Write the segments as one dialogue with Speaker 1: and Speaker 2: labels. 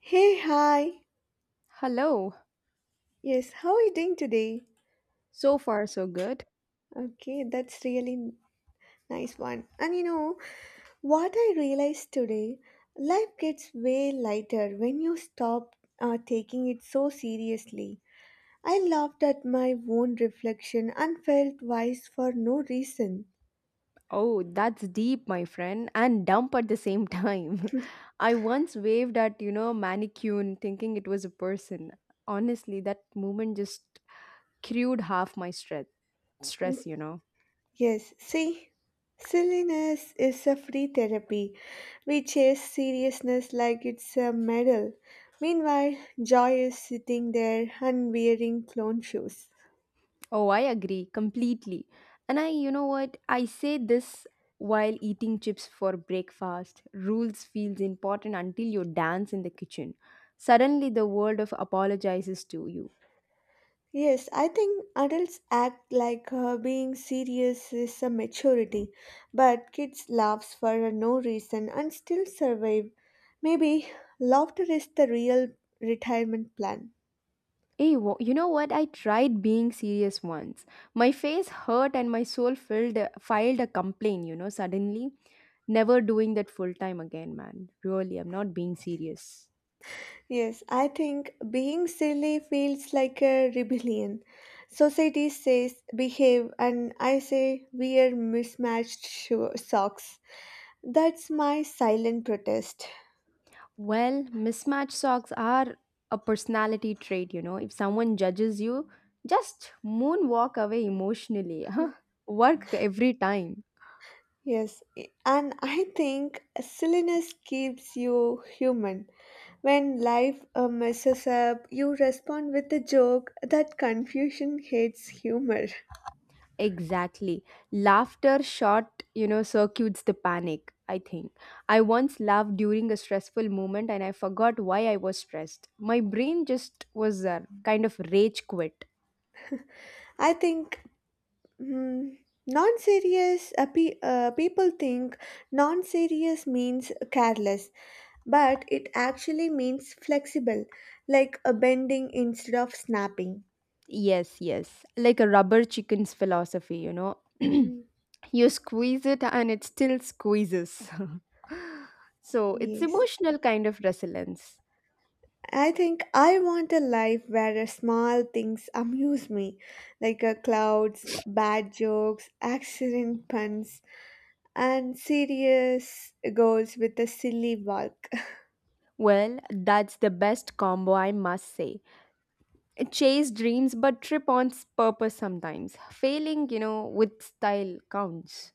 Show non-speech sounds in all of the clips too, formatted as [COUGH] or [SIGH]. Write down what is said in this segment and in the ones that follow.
Speaker 1: Hey, hi.
Speaker 2: Hello.
Speaker 1: Yes, how are you doing today?
Speaker 2: So far, so good.
Speaker 1: Okay, that's really nice one. And you know, what I realized today, life gets way lighter when you stop taking it so seriously. I laughed at my own reflection and felt wise for no reason.
Speaker 2: Oh, that's deep, my friend, and dumb at the same time. [LAUGHS] I once waved at, a mannequin thinking it was a person. Honestly, that moment just crewed half my stress,
Speaker 1: Yes, see, silliness is a free therapy. We chase seriousness like it's a medal. Meanwhile, joy is sitting there and wearing clone shoes.
Speaker 2: Oh, I agree completely. And I, you know what? I say this while eating chips for breakfast. Rules feels important until you dance in the kitchen. Suddenly, the world of apologizes to you.
Speaker 1: Yes, I think adults act like being serious is a maturity, but kids laughs for no reason and still survive. Maybe laughter is the real retirement plan.
Speaker 2: Hey, you know what? I tried being serious once. My face hurt and my soul filed a complaint, suddenly. Never doing that full time again, man. Really, I'm not being serious.
Speaker 1: Yes, I think being silly feels like a rebellion. Society says behave, and I say wear mismatched socks. That's my silent protest.
Speaker 2: Well, mismatched socks are a personality trait. If someone judges you, just moonwalk away emotionally. [LAUGHS] Work every time.
Speaker 1: Yes, and [LAUGHS] I think silliness keeps you human. When life messes up, you respond with a joke. That confusion hates humor.
Speaker 2: Exactly. Laughter short, circuits the panic, I think. I once laughed during a stressful moment and I forgot why I was stressed. My brain just was a kind of rage quit.
Speaker 1: I think Hmm. Non-serious people think non-serious means careless, but it actually means flexible, like a bending instead of snapping.
Speaker 2: Yes, yes. Like a rubber chicken's philosophy, [CLEARS THROAT]
Speaker 1: Hmm.
Speaker 2: You squeeze it and it still squeezes. [LAUGHS] So it's
Speaker 1: Yes.
Speaker 2: emotional kind of resilience.
Speaker 1: I think I want a life where small things amuse me, like clouds, bad jokes, accident puns, and serious goals with a silly walk.
Speaker 2: Well, that's the best combo, I must say. Chase dreams but trip on purpose, sometimes failing, with style counts.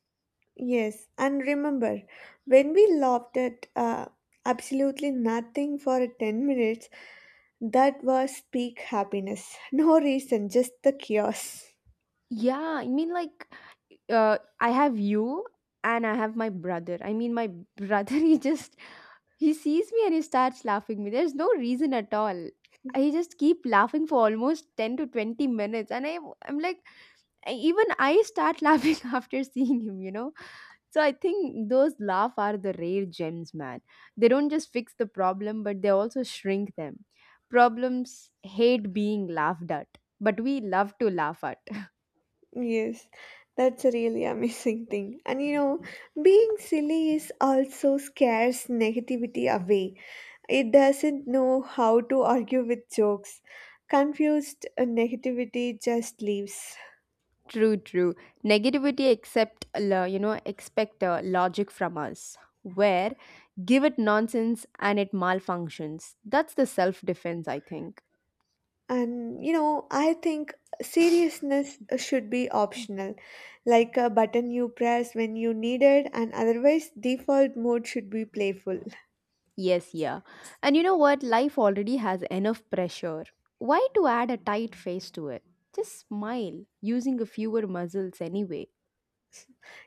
Speaker 1: Yes, and remember, when we laughed at absolutely nothing for 10 minutes, that was peak happiness. [LAUGHS] No reason, just the chaos. [LAUGHS]
Speaker 2: Yeah, I mean, like, I have you, and I have my brother. [LAUGHS] He just, he sees me and he starts laughing. Me, there's no reason at all.
Speaker 1: Mhm.
Speaker 2: I just keep laughing for almost 10 to 20 minutes, and I'm like, even I start [LAUGHS] laughing after seeing him. So I think those laugh are the rare gems, man. They don't just fix the problem, but they also shrink them. Problems hate being laughed at, but we love to laugh at.
Speaker 1: Yes, that's a really amazing thing. And you know, being silly is also scares negativity away. It doesn't know how to argue with jokes. Confused negativity just leaves.
Speaker 2: [LAUGHS] True, true. Negativity accept, expect logic from us. Where give it nonsense and it malfunctions. That's the self defense, I think.
Speaker 1: And you know, I think seriousness should be optional, like a button you press when you need it, and otherwise, default mode should be playful. [LAUGHS]
Speaker 2: Yes, yeah. And you know what? Life already has enough pressure. Why to add a tight face to it? Just smile, using a fewer muscles anyway.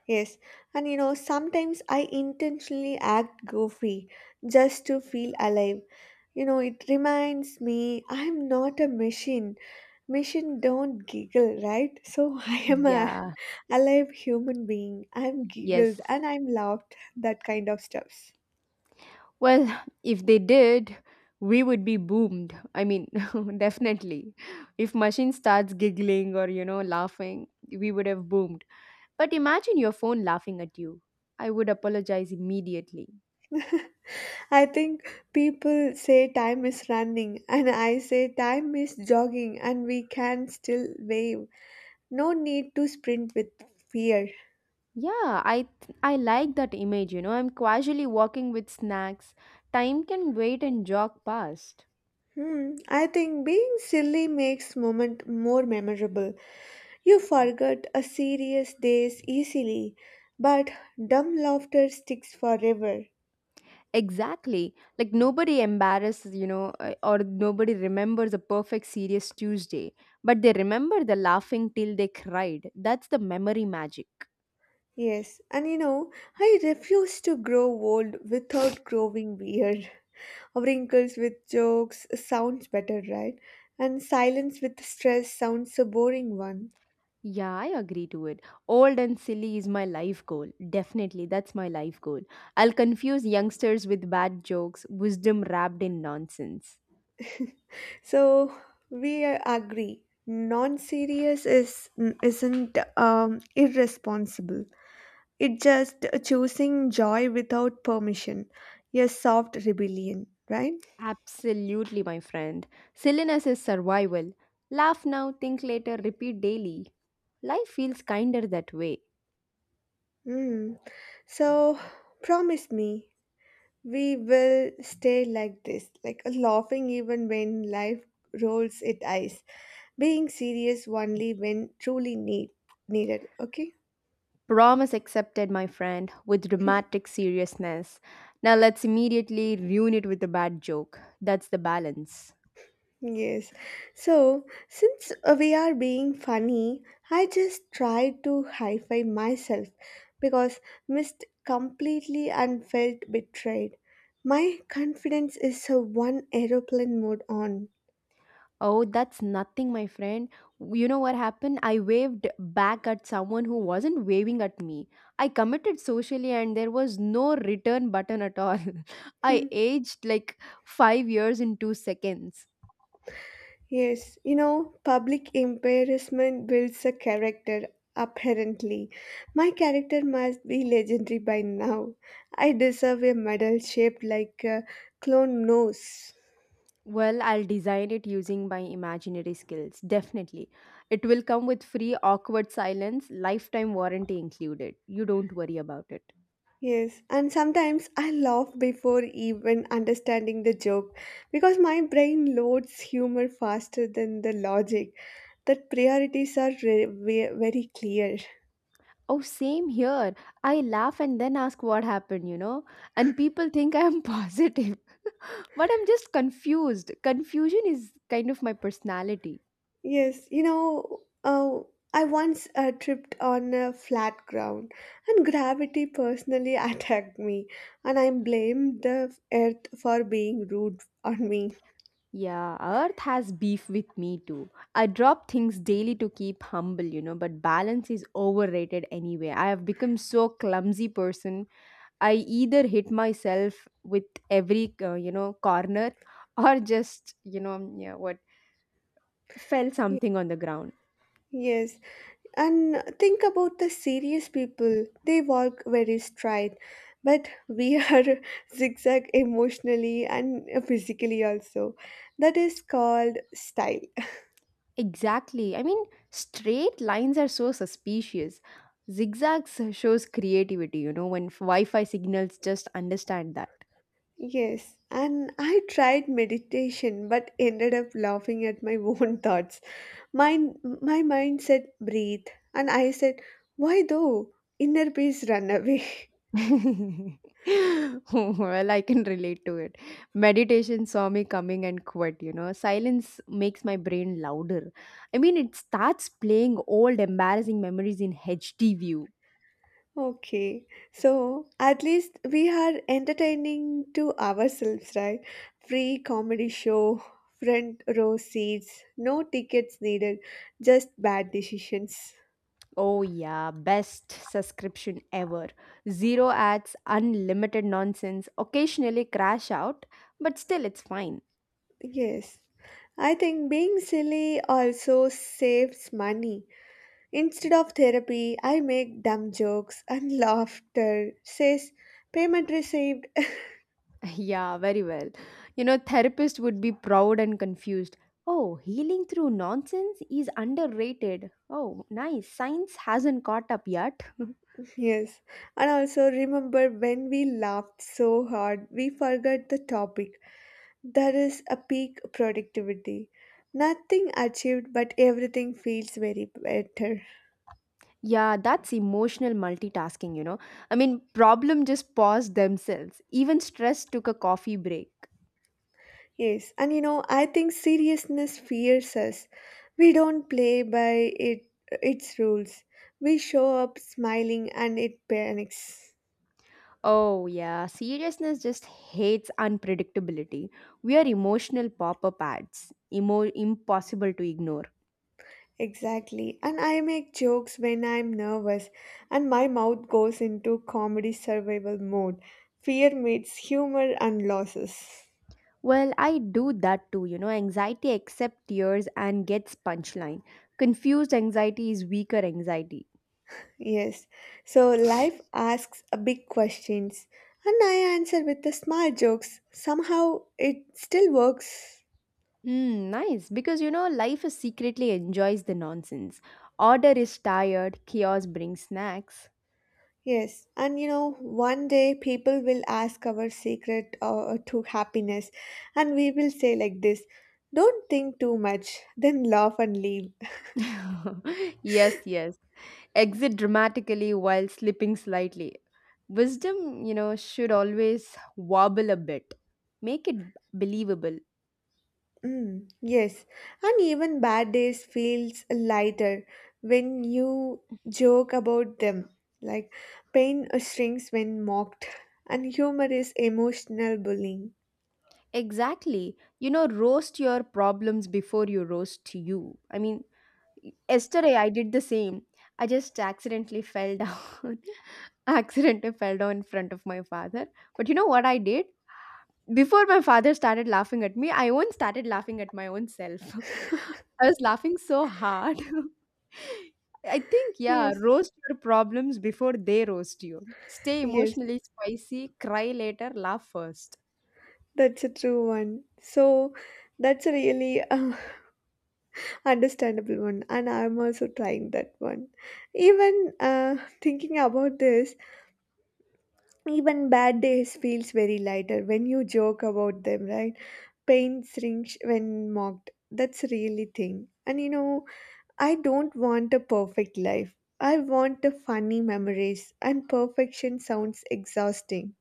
Speaker 1: Yes, and you know, sometimes I intentionally act goofy just to feel alive. You know, it reminds me I'm not a machine. Machine don't giggle, right? So [LAUGHS] I am a
Speaker 2: Yeah,
Speaker 1: alive human being. I'm
Speaker 2: yes.
Speaker 1: giggled and I'm laughed, that kind of stuff.
Speaker 2: Well, [LAUGHS] if they did, we would be boomed. I mean, [LAUGHS] definitely. If machine starts giggling or, laughing, we would have boomed. But imagine your phone laughing at you. I would apologize immediately.
Speaker 1: I think people say time is running, and I say time is jogging, and we can still wave. No need to sprint with fear.
Speaker 2: Yeah, I like that image, I'm casually walking with snacks. Time can wait and jog past.
Speaker 1: Hmm, I think being silly makes moment more memorable. You forget a serious days easily, but dumb laughter sticks forever.
Speaker 2: Exactly. Like nobody embarrasses, or nobody remembers a perfect serious Tuesday, but they remember the laughing till they cried. That's the memory magic.
Speaker 1: Yes, and you know, I refuse to grow old without growing weird. Wrinkles with jokes sounds better, right? And silence with stress sounds a boring one.
Speaker 2: Yeah, I agree to it. Old and silly is my life goal. Definitely, that's my life goal. I'll confuse youngsters with bad jokes, wisdom wrapped in nonsense.
Speaker 1: So we agree. Non-serious is isn't irresponsible. It's just choosing joy without permission. A soft rebellion, right?
Speaker 2: Absolutely, my friend. Silliness is survival. Laugh now, think later, repeat daily. Life feels kinder that way.
Speaker 1: Mm. So promise me we will stay like this, like laughing even when life rolls its eyes, being serious only when truly needed, okay?
Speaker 2: Promise accepted, my friend, with dramatic seriousness. Now let's immediately ruin it with a bad joke. That's the balance.
Speaker 1: Yes, so since we are being funny, I just try to hi-fi myself, because missed completely and felt betrayed. My confidence is a one aeroplane mode on.
Speaker 2: Oh, that's nothing, my friend. You know what happened? I waved back at someone who wasn't waving at me. I committed socially, and there was no return button at all. [LAUGHS] I
Speaker 1: [LAUGHS]
Speaker 2: aged like 5 years in 2 seconds.
Speaker 1: Yes, you know, public embarrassment builds a character, apparently. My character must be legendary by now. I deserve a medal shaped like a clone nose.
Speaker 2: Well, I'll design it using my imaginary skills, definitely. It will come with free awkward silence, lifetime warranty included. You don't worry about it.
Speaker 1: Yes, and sometimes I laugh before even understanding the joke because my brain loads humor faster than the logic. That priorities are very clear.
Speaker 2: Oh, same here. I laugh and then ask what happened, And people think I'm [LAUGHS] positive. But I'm just confused. Confusion is kind of my personality.
Speaker 1: Yes, you know, uh, I once tripped on a flat ground and gravity personally [LAUGHS] attacked me, and I blamed the earth for being rude [LAUGHS] on me.
Speaker 2: Yeah, Earth has beef with me too. I drop things daily to keep humble, but balance is overrated anyway. I have become so clumsy person. I either hit myself with every, corner [LAUGHS] or just, yeah, what fell
Speaker 1: Y-
Speaker 2: something on the ground.
Speaker 1: Yes, and think about the serious people. They walk very straight, but we [LAUGHS] are zigzag emotionally and physically also. That is called style.
Speaker 2: Exactly. I mean, straight lines are so suspicious. Zigzags shows creativity, when Wi Fi signals just understand that.
Speaker 1: Yes, and I tried meditation but ended up laughing at my [LAUGHS] own thoughts. Mine, my mind said breathe, and I said, why though? Inner peace run away.
Speaker 2: [LAUGHS] Well, I can relate to it. Meditation saw me coming and quit, Silence makes my brain louder. I mean, it starts playing old, embarrassing memories in HD view.
Speaker 1: [LAUGHS] Okay, so at least we are entertaining to ourselves, right? Free comedy show, front row seats, no tickets needed, just bad decisions.
Speaker 2: Oh, yeah, best subscription ever. Zero ads, unlimited nonsense, occasionally crash out, but still it's fine.
Speaker 1: Yes, I think being silly also saves money. Instead of therapy, I make dumb jokes and [LAUGHS] laughter. Says payment received.
Speaker 2: [LAUGHS] Yeah, very well. You know, therapist would be proud and confused. Oh, healing through nonsense is underrated. Oh, nice. Science hasn't caught up yet.
Speaker 1: [LAUGHS] Yes. And also remember when we laughed so hard, we forgot the topic. That is a peak productivity. Nothing achieved, but everything feels very better.
Speaker 2: [LAUGHS] Yeah, that's emotional multitasking, I mean, problem just paused themselves. Even stress took a coffee break.
Speaker 1: Yes. And you know, I think seriousness fears us. We don't play by it its rules. We show up smiling and it panics.
Speaker 2: Oh, yeah. Seriousness just hates unpredictability. We are emotional pop up ads, impossible to ignore.
Speaker 1: Exactly. And I make jokes when I'm nervous, and my mouth goes into comedy survival mode. Fear meets humor and losses.
Speaker 2: Well, I do that too. You know, anxiety accepts tears and gets punchline. Confused anxiety is weaker anxiety.
Speaker 1: Yes. So life asks a big questions, and I answer with the small jokes. Somehow it still works.
Speaker 2: Hmm, nice. Because, life is secretly enjoys the nonsense. Order is tired, chaos brings snacks.
Speaker 1: Yes, and you know, one day people will ask our secret to happiness, and we will say like this, don't think too much, then laugh and leave.
Speaker 2: [LAUGHS] Yes, yes. Exit dramatically while slipping slightly. Wisdom, should always wobble a bit. Make it believable.
Speaker 1: Mm, yes, and even bad days feels lighter when you joke about them. Like pain shrinks when mocked, and humor is emotional bullying.
Speaker 2: Exactly. You know, roast your problems before you roast you. I mean, yesterday I did the same. I just accidentally fell down. [LAUGHS] Accidentally fell down in front of my father. But you know what I did? Before my father started laughing at me, I even started laughing at my own self. [LAUGHS] I was laughing so hard. [LAUGHS] I think, yeah,
Speaker 1: Yes,
Speaker 2: roast your problems before they roast you. Stay
Speaker 1: yes,
Speaker 2: emotionally spicy, cry later, laugh first.
Speaker 1: that's a true one. So that's a really [LAUGHS] understandable one, and I'm also trying that one. Even thinking about this, even bad days feels very lighter when you joke about them, right? Paints shrinks when mocked. That's really thing. And you know, I don't want a perfect life. I want the funny memories, and perfection sounds exhausting.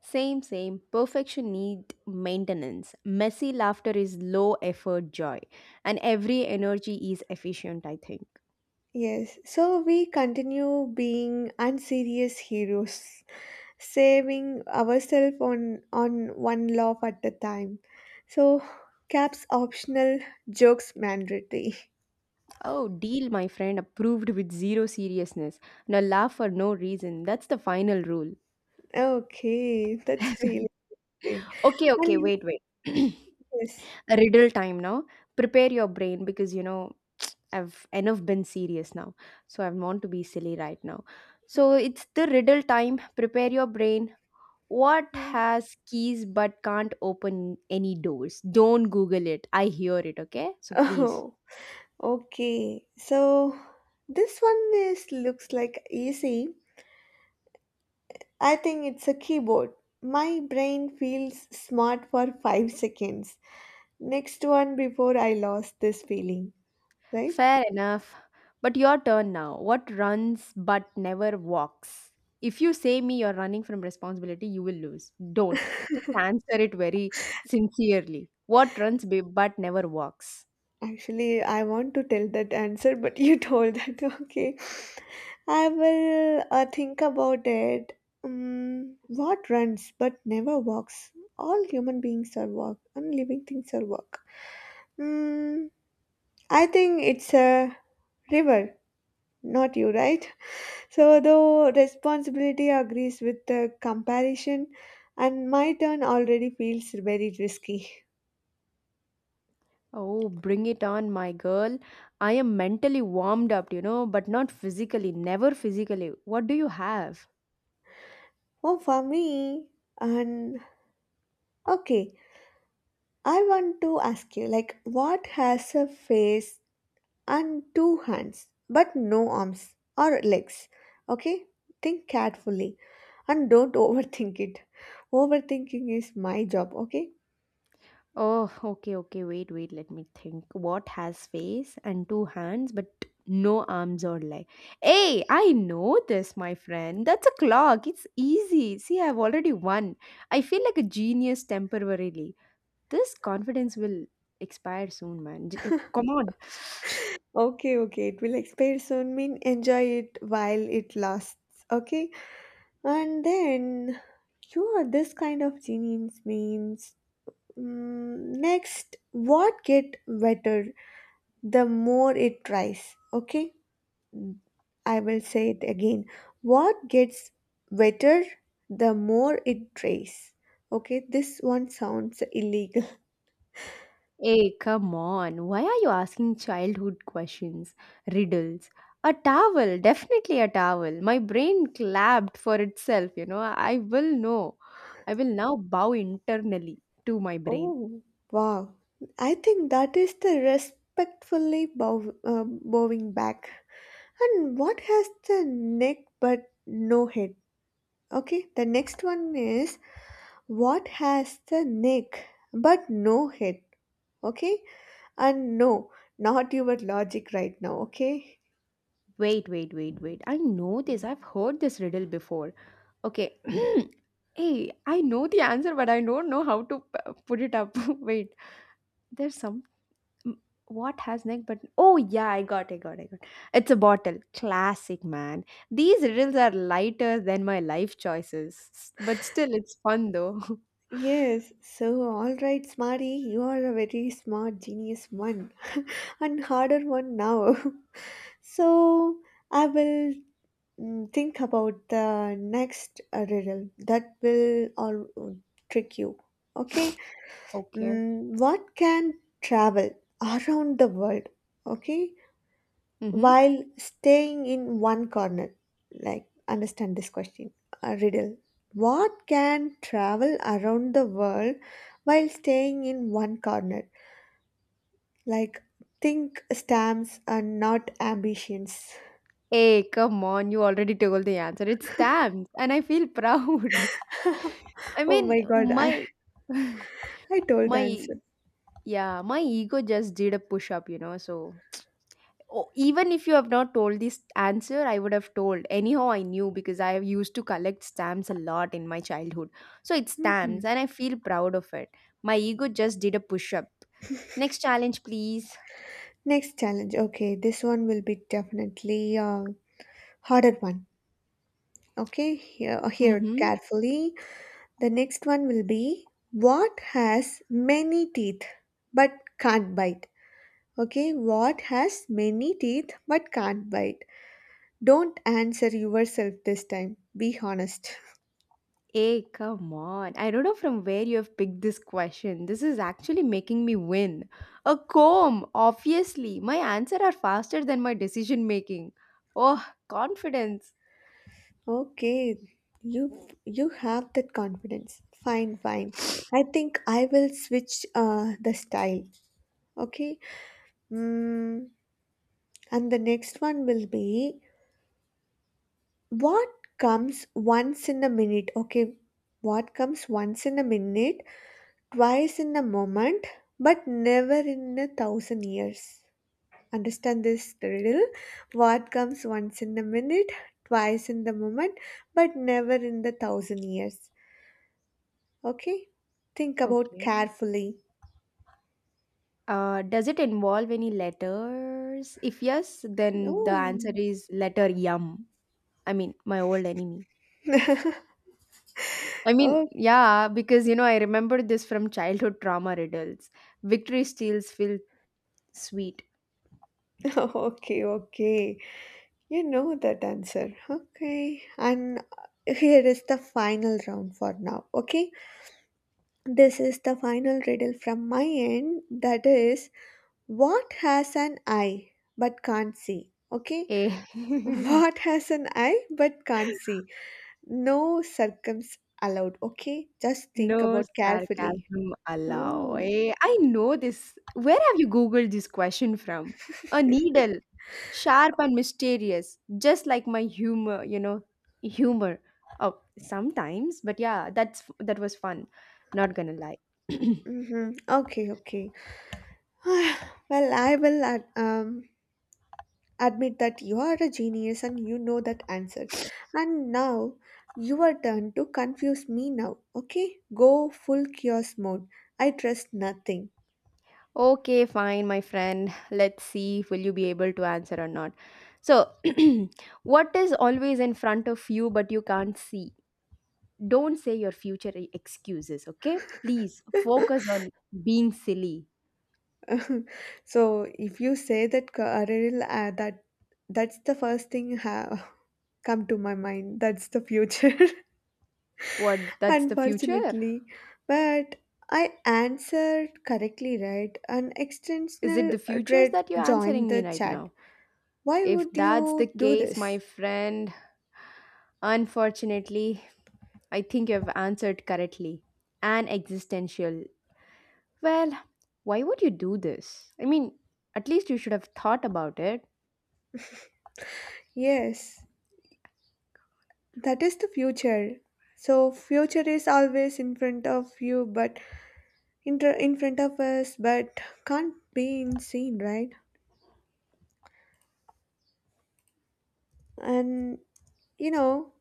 Speaker 2: Same, same. Perfection need maintenance. Messy laughter is low effort joy. And every energy is efficient, I think.
Speaker 1: Yes, so we continue being unserious heroes, saving ourselves on one laugh at a time. So, caps optional, jokes mandatory. [LAUGHS]
Speaker 2: Oh, deal, my friend, approved with zero seriousness. Now laugh for no reason. That's the final rule.
Speaker 1: Okay, that's really
Speaker 2: [LAUGHS]
Speaker 1: thing.
Speaker 2: Okay,
Speaker 1: And
Speaker 2: okay,
Speaker 1: you know,
Speaker 2: wait.
Speaker 1: yes. [LAUGHS]
Speaker 2: [CLEARS THROAT] Riddle time now. Prepare your brain because you know I've enough been serious now. So I want to be silly right now. So it's the riddle time. Prepare your brain. What
Speaker 1: Hmm.
Speaker 2: has keys but can't open any doors? Don't Google it. I hear it, okay? So please.
Speaker 1: Oh, okay, so this one is looks like easy. I think it's a keyboard. My brain feels smart for 5 seconds. Next one before I lost this feeling, right?
Speaker 2: Fair enough. But your turn now. What runs but never walks? If you say me you're running from responsibility, you will lose. Don't. Just
Speaker 1: [LAUGHS]
Speaker 2: answer it very sincerely. What runs but never walks?
Speaker 1: Actually, I want to tell that answer, but you told that. [LAUGHS] Okay. I will think about it. Mm, what runs but never walks? All human beings are walk, and living things are walk. Hmm. I think it's a river, not you, right? [LAUGHS] So, though responsibility agrees with the comparison, and my turn already feels very risky.
Speaker 2: Oh, bring it on, my girl. I am mentally warmed up, but not physically. Never physically. What do you have?
Speaker 1: Oh, for me, and okay, I want to ask you like, what has a face and two hands, but no arms or legs? Okay, think carefully and don't [LAUGHS] overthink it. Overthinking is my job, okay?
Speaker 2: Oh, okay, okay. Wait. Let me think. What has face and two hands but no arms or leg? Hey, I know this, my friend. That's a clock. It's easy. See, I've already won. I feel like a genius temporarily. This confidence will expire soon, man. Come on.
Speaker 1: Okay, okay. It will expire soon. Mean enjoy it while it lasts. Okay, and then you are this kind of genius means. Mm, next, what get better the more it tries. Okay, mm, I will say it again. What gets better the more it tries. Okay, this one sounds illegal.
Speaker 2: Hey, come on. Why are you asking childhood questions? Riddles. A towel, definitely a towel. My brain clapped for itself, I will know. I will now bow internally to my brain.
Speaker 1: Oh, wow. I think that is the respectfully bow, bowing back. And what has the neck but no head? Okay, the next one is what has the neck but no head? Okay, and no, not your logic right now. Okay.
Speaker 2: Wait. I know this. I've heard this riddle before. Okay. [CLEARS THROAT] Hey, I know the answer, but I don't know how to put it up. [LAUGHS] Wait. There's some M- what has neck but oh yeah, I got. It's a bottle. Classic man. These riddles are lighter than my life choices. But still it's fun though. [LAUGHS]
Speaker 1: Yes, so all right, Smarty, you are a very smart genius one [LAUGHS] and harder one now. [LAUGHS] So I will mm, think about the next riddle that will all trick you. Okay,
Speaker 2: Okay.
Speaker 1: mm, what can travel around the world? Okay,
Speaker 2: Mm-hmm.
Speaker 1: while staying in one corner. Like understand this question a riddle. What can travel around the world while staying in one corner? Like think stamps and not ambitions.
Speaker 2: Hey, come on, you already told the answer. It's stamps, and I feel proud.
Speaker 1: [LAUGHS]
Speaker 2: [LAUGHS] I
Speaker 1: Oh
Speaker 2: mean,
Speaker 1: my god,
Speaker 2: my
Speaker 1: I
Speaker 2: [LAUGHS]
Speaker 1: told the
Speaker 2: my
Speaker 1: answer.
Speaker 2: yeah, my ego just did a push up, Oh, even if you have not told this answer, I would have told. Anyhow, I knew because I used to collect stamps a lot in my childhood. So it's
Speaker 1: Mm-hmm.
Speaker 2: stamps, and I feel proud of it. My ego just did a push up. Next challenge, please.
Speaker 1: Next challenge. Okay, this one will be definitely a harder one. Okay, hear, hear it
Speaker 2: Mm-hmm.
Speaker 1: carefully. The next one will be what has many teeth but can't bite? Okay, what has many teeth but can't bite? Don't answer yourself this time. Be honest.
Speaker 2: Hey, come on. I don't know from where you have picked this question. This is actually making me win. A comb, obviously. My answers are faster than my decision making. Oh, confidence.
Speaker 1: Okay, you have that confidence. Fine, fine. I think I will switch the style. Okay. Mm, and the next one will be what comes once in a minute. Okay, what comes once in a minute, twice in a moment, but never in a thousand years. Understand this riddle? What comes once in a minute, twice in the moment, but never in the thousand years. Okay, think about
Speaker 2: Okay.
Speaker 1: carefully.
Speaker 2: Does it involve any letters? If yes, then the answer
Speaker 1: Oh,
Speaker 2: is letter yum. I mean, my old enemy. I mean,
Speaker 1: oh
Speaker 2: yeah, because you know, I remember this from childhood trauma riddles. Victory steals feel sweet.
Speaker 1: [LAUGHS] okay, okay. You know that answer. Okay. And here is the final round for now. Okay. This is the final riddle from my end. That is, what has an eye but can't see? Okay.
Speaker 2: Eh.
Speaker 1: [LAUGHS]
Speaker 2: [LAUGHS]
Speaker 1: What has an eye but can't see? No circums allowed. Okay. Just think
Speaker 2: No
Speaker 1: about carefully.
Speaker 2: sarcasm allowed.
Speaker 1: Oh.
Speaker 2: Eh, I know this. Where have you Googled this question from? A needle, sharp and mysterious, just like my humor, humor. Oh, sometimes, but yeah, that was fun. Not gonna lie. [CLEARS THROAT]
Speaker 1: Mm-hmm. Okay. Okay. [SIGHS] Well, I will. Add, admit that you are a genius and you know that answer. And now your turn to confuse me now, okay? Go full chaos mode. I trust nothing.
Speaker 2: Okay, fine, my friend. Let's see if will you be able to answer or not. So, [CLEARS THROAT] what is always in front of you but you can't see? Don't say your future excuses, okay? Please focus
Speaker 1: [LAUGHS]
Speaker 2: on being silly.
Speaker 1: So if you say that Karil, that that's the first thing come to my mind. That's the future,
Speaker 2: What?
Speaker 1: [LAUGHS]
Speaker 2: That's the future?
Speaker 1: unfortunately. But I answered correctly, right? An
Speaker 2: Is it
Speaker 1: extensional
Speaker 2: the futures
Speaker 1: dread
Speaker 2: that you're
Speaker 1: joined
Speaker 2: answering
Speaker 1: the
Speaker 2: me right
Speaker 1: chat.
Speaker 2: now?
Speaker 1: Why
Speaker 2: If
Speaker 1: would
Speaker 2: that's the
Speaker 1: you do
Speaker 2: case, my
Speaker 1: this?
Speaker 2: friend, unfortunately, I think you've answered correctly. An existential. Well, why would you do this? I mean, at least you should have thought about it.
Speaker 1: Yes, that is the future. So future is always in front of you, but in front of us, but can't be seen, right? And you know,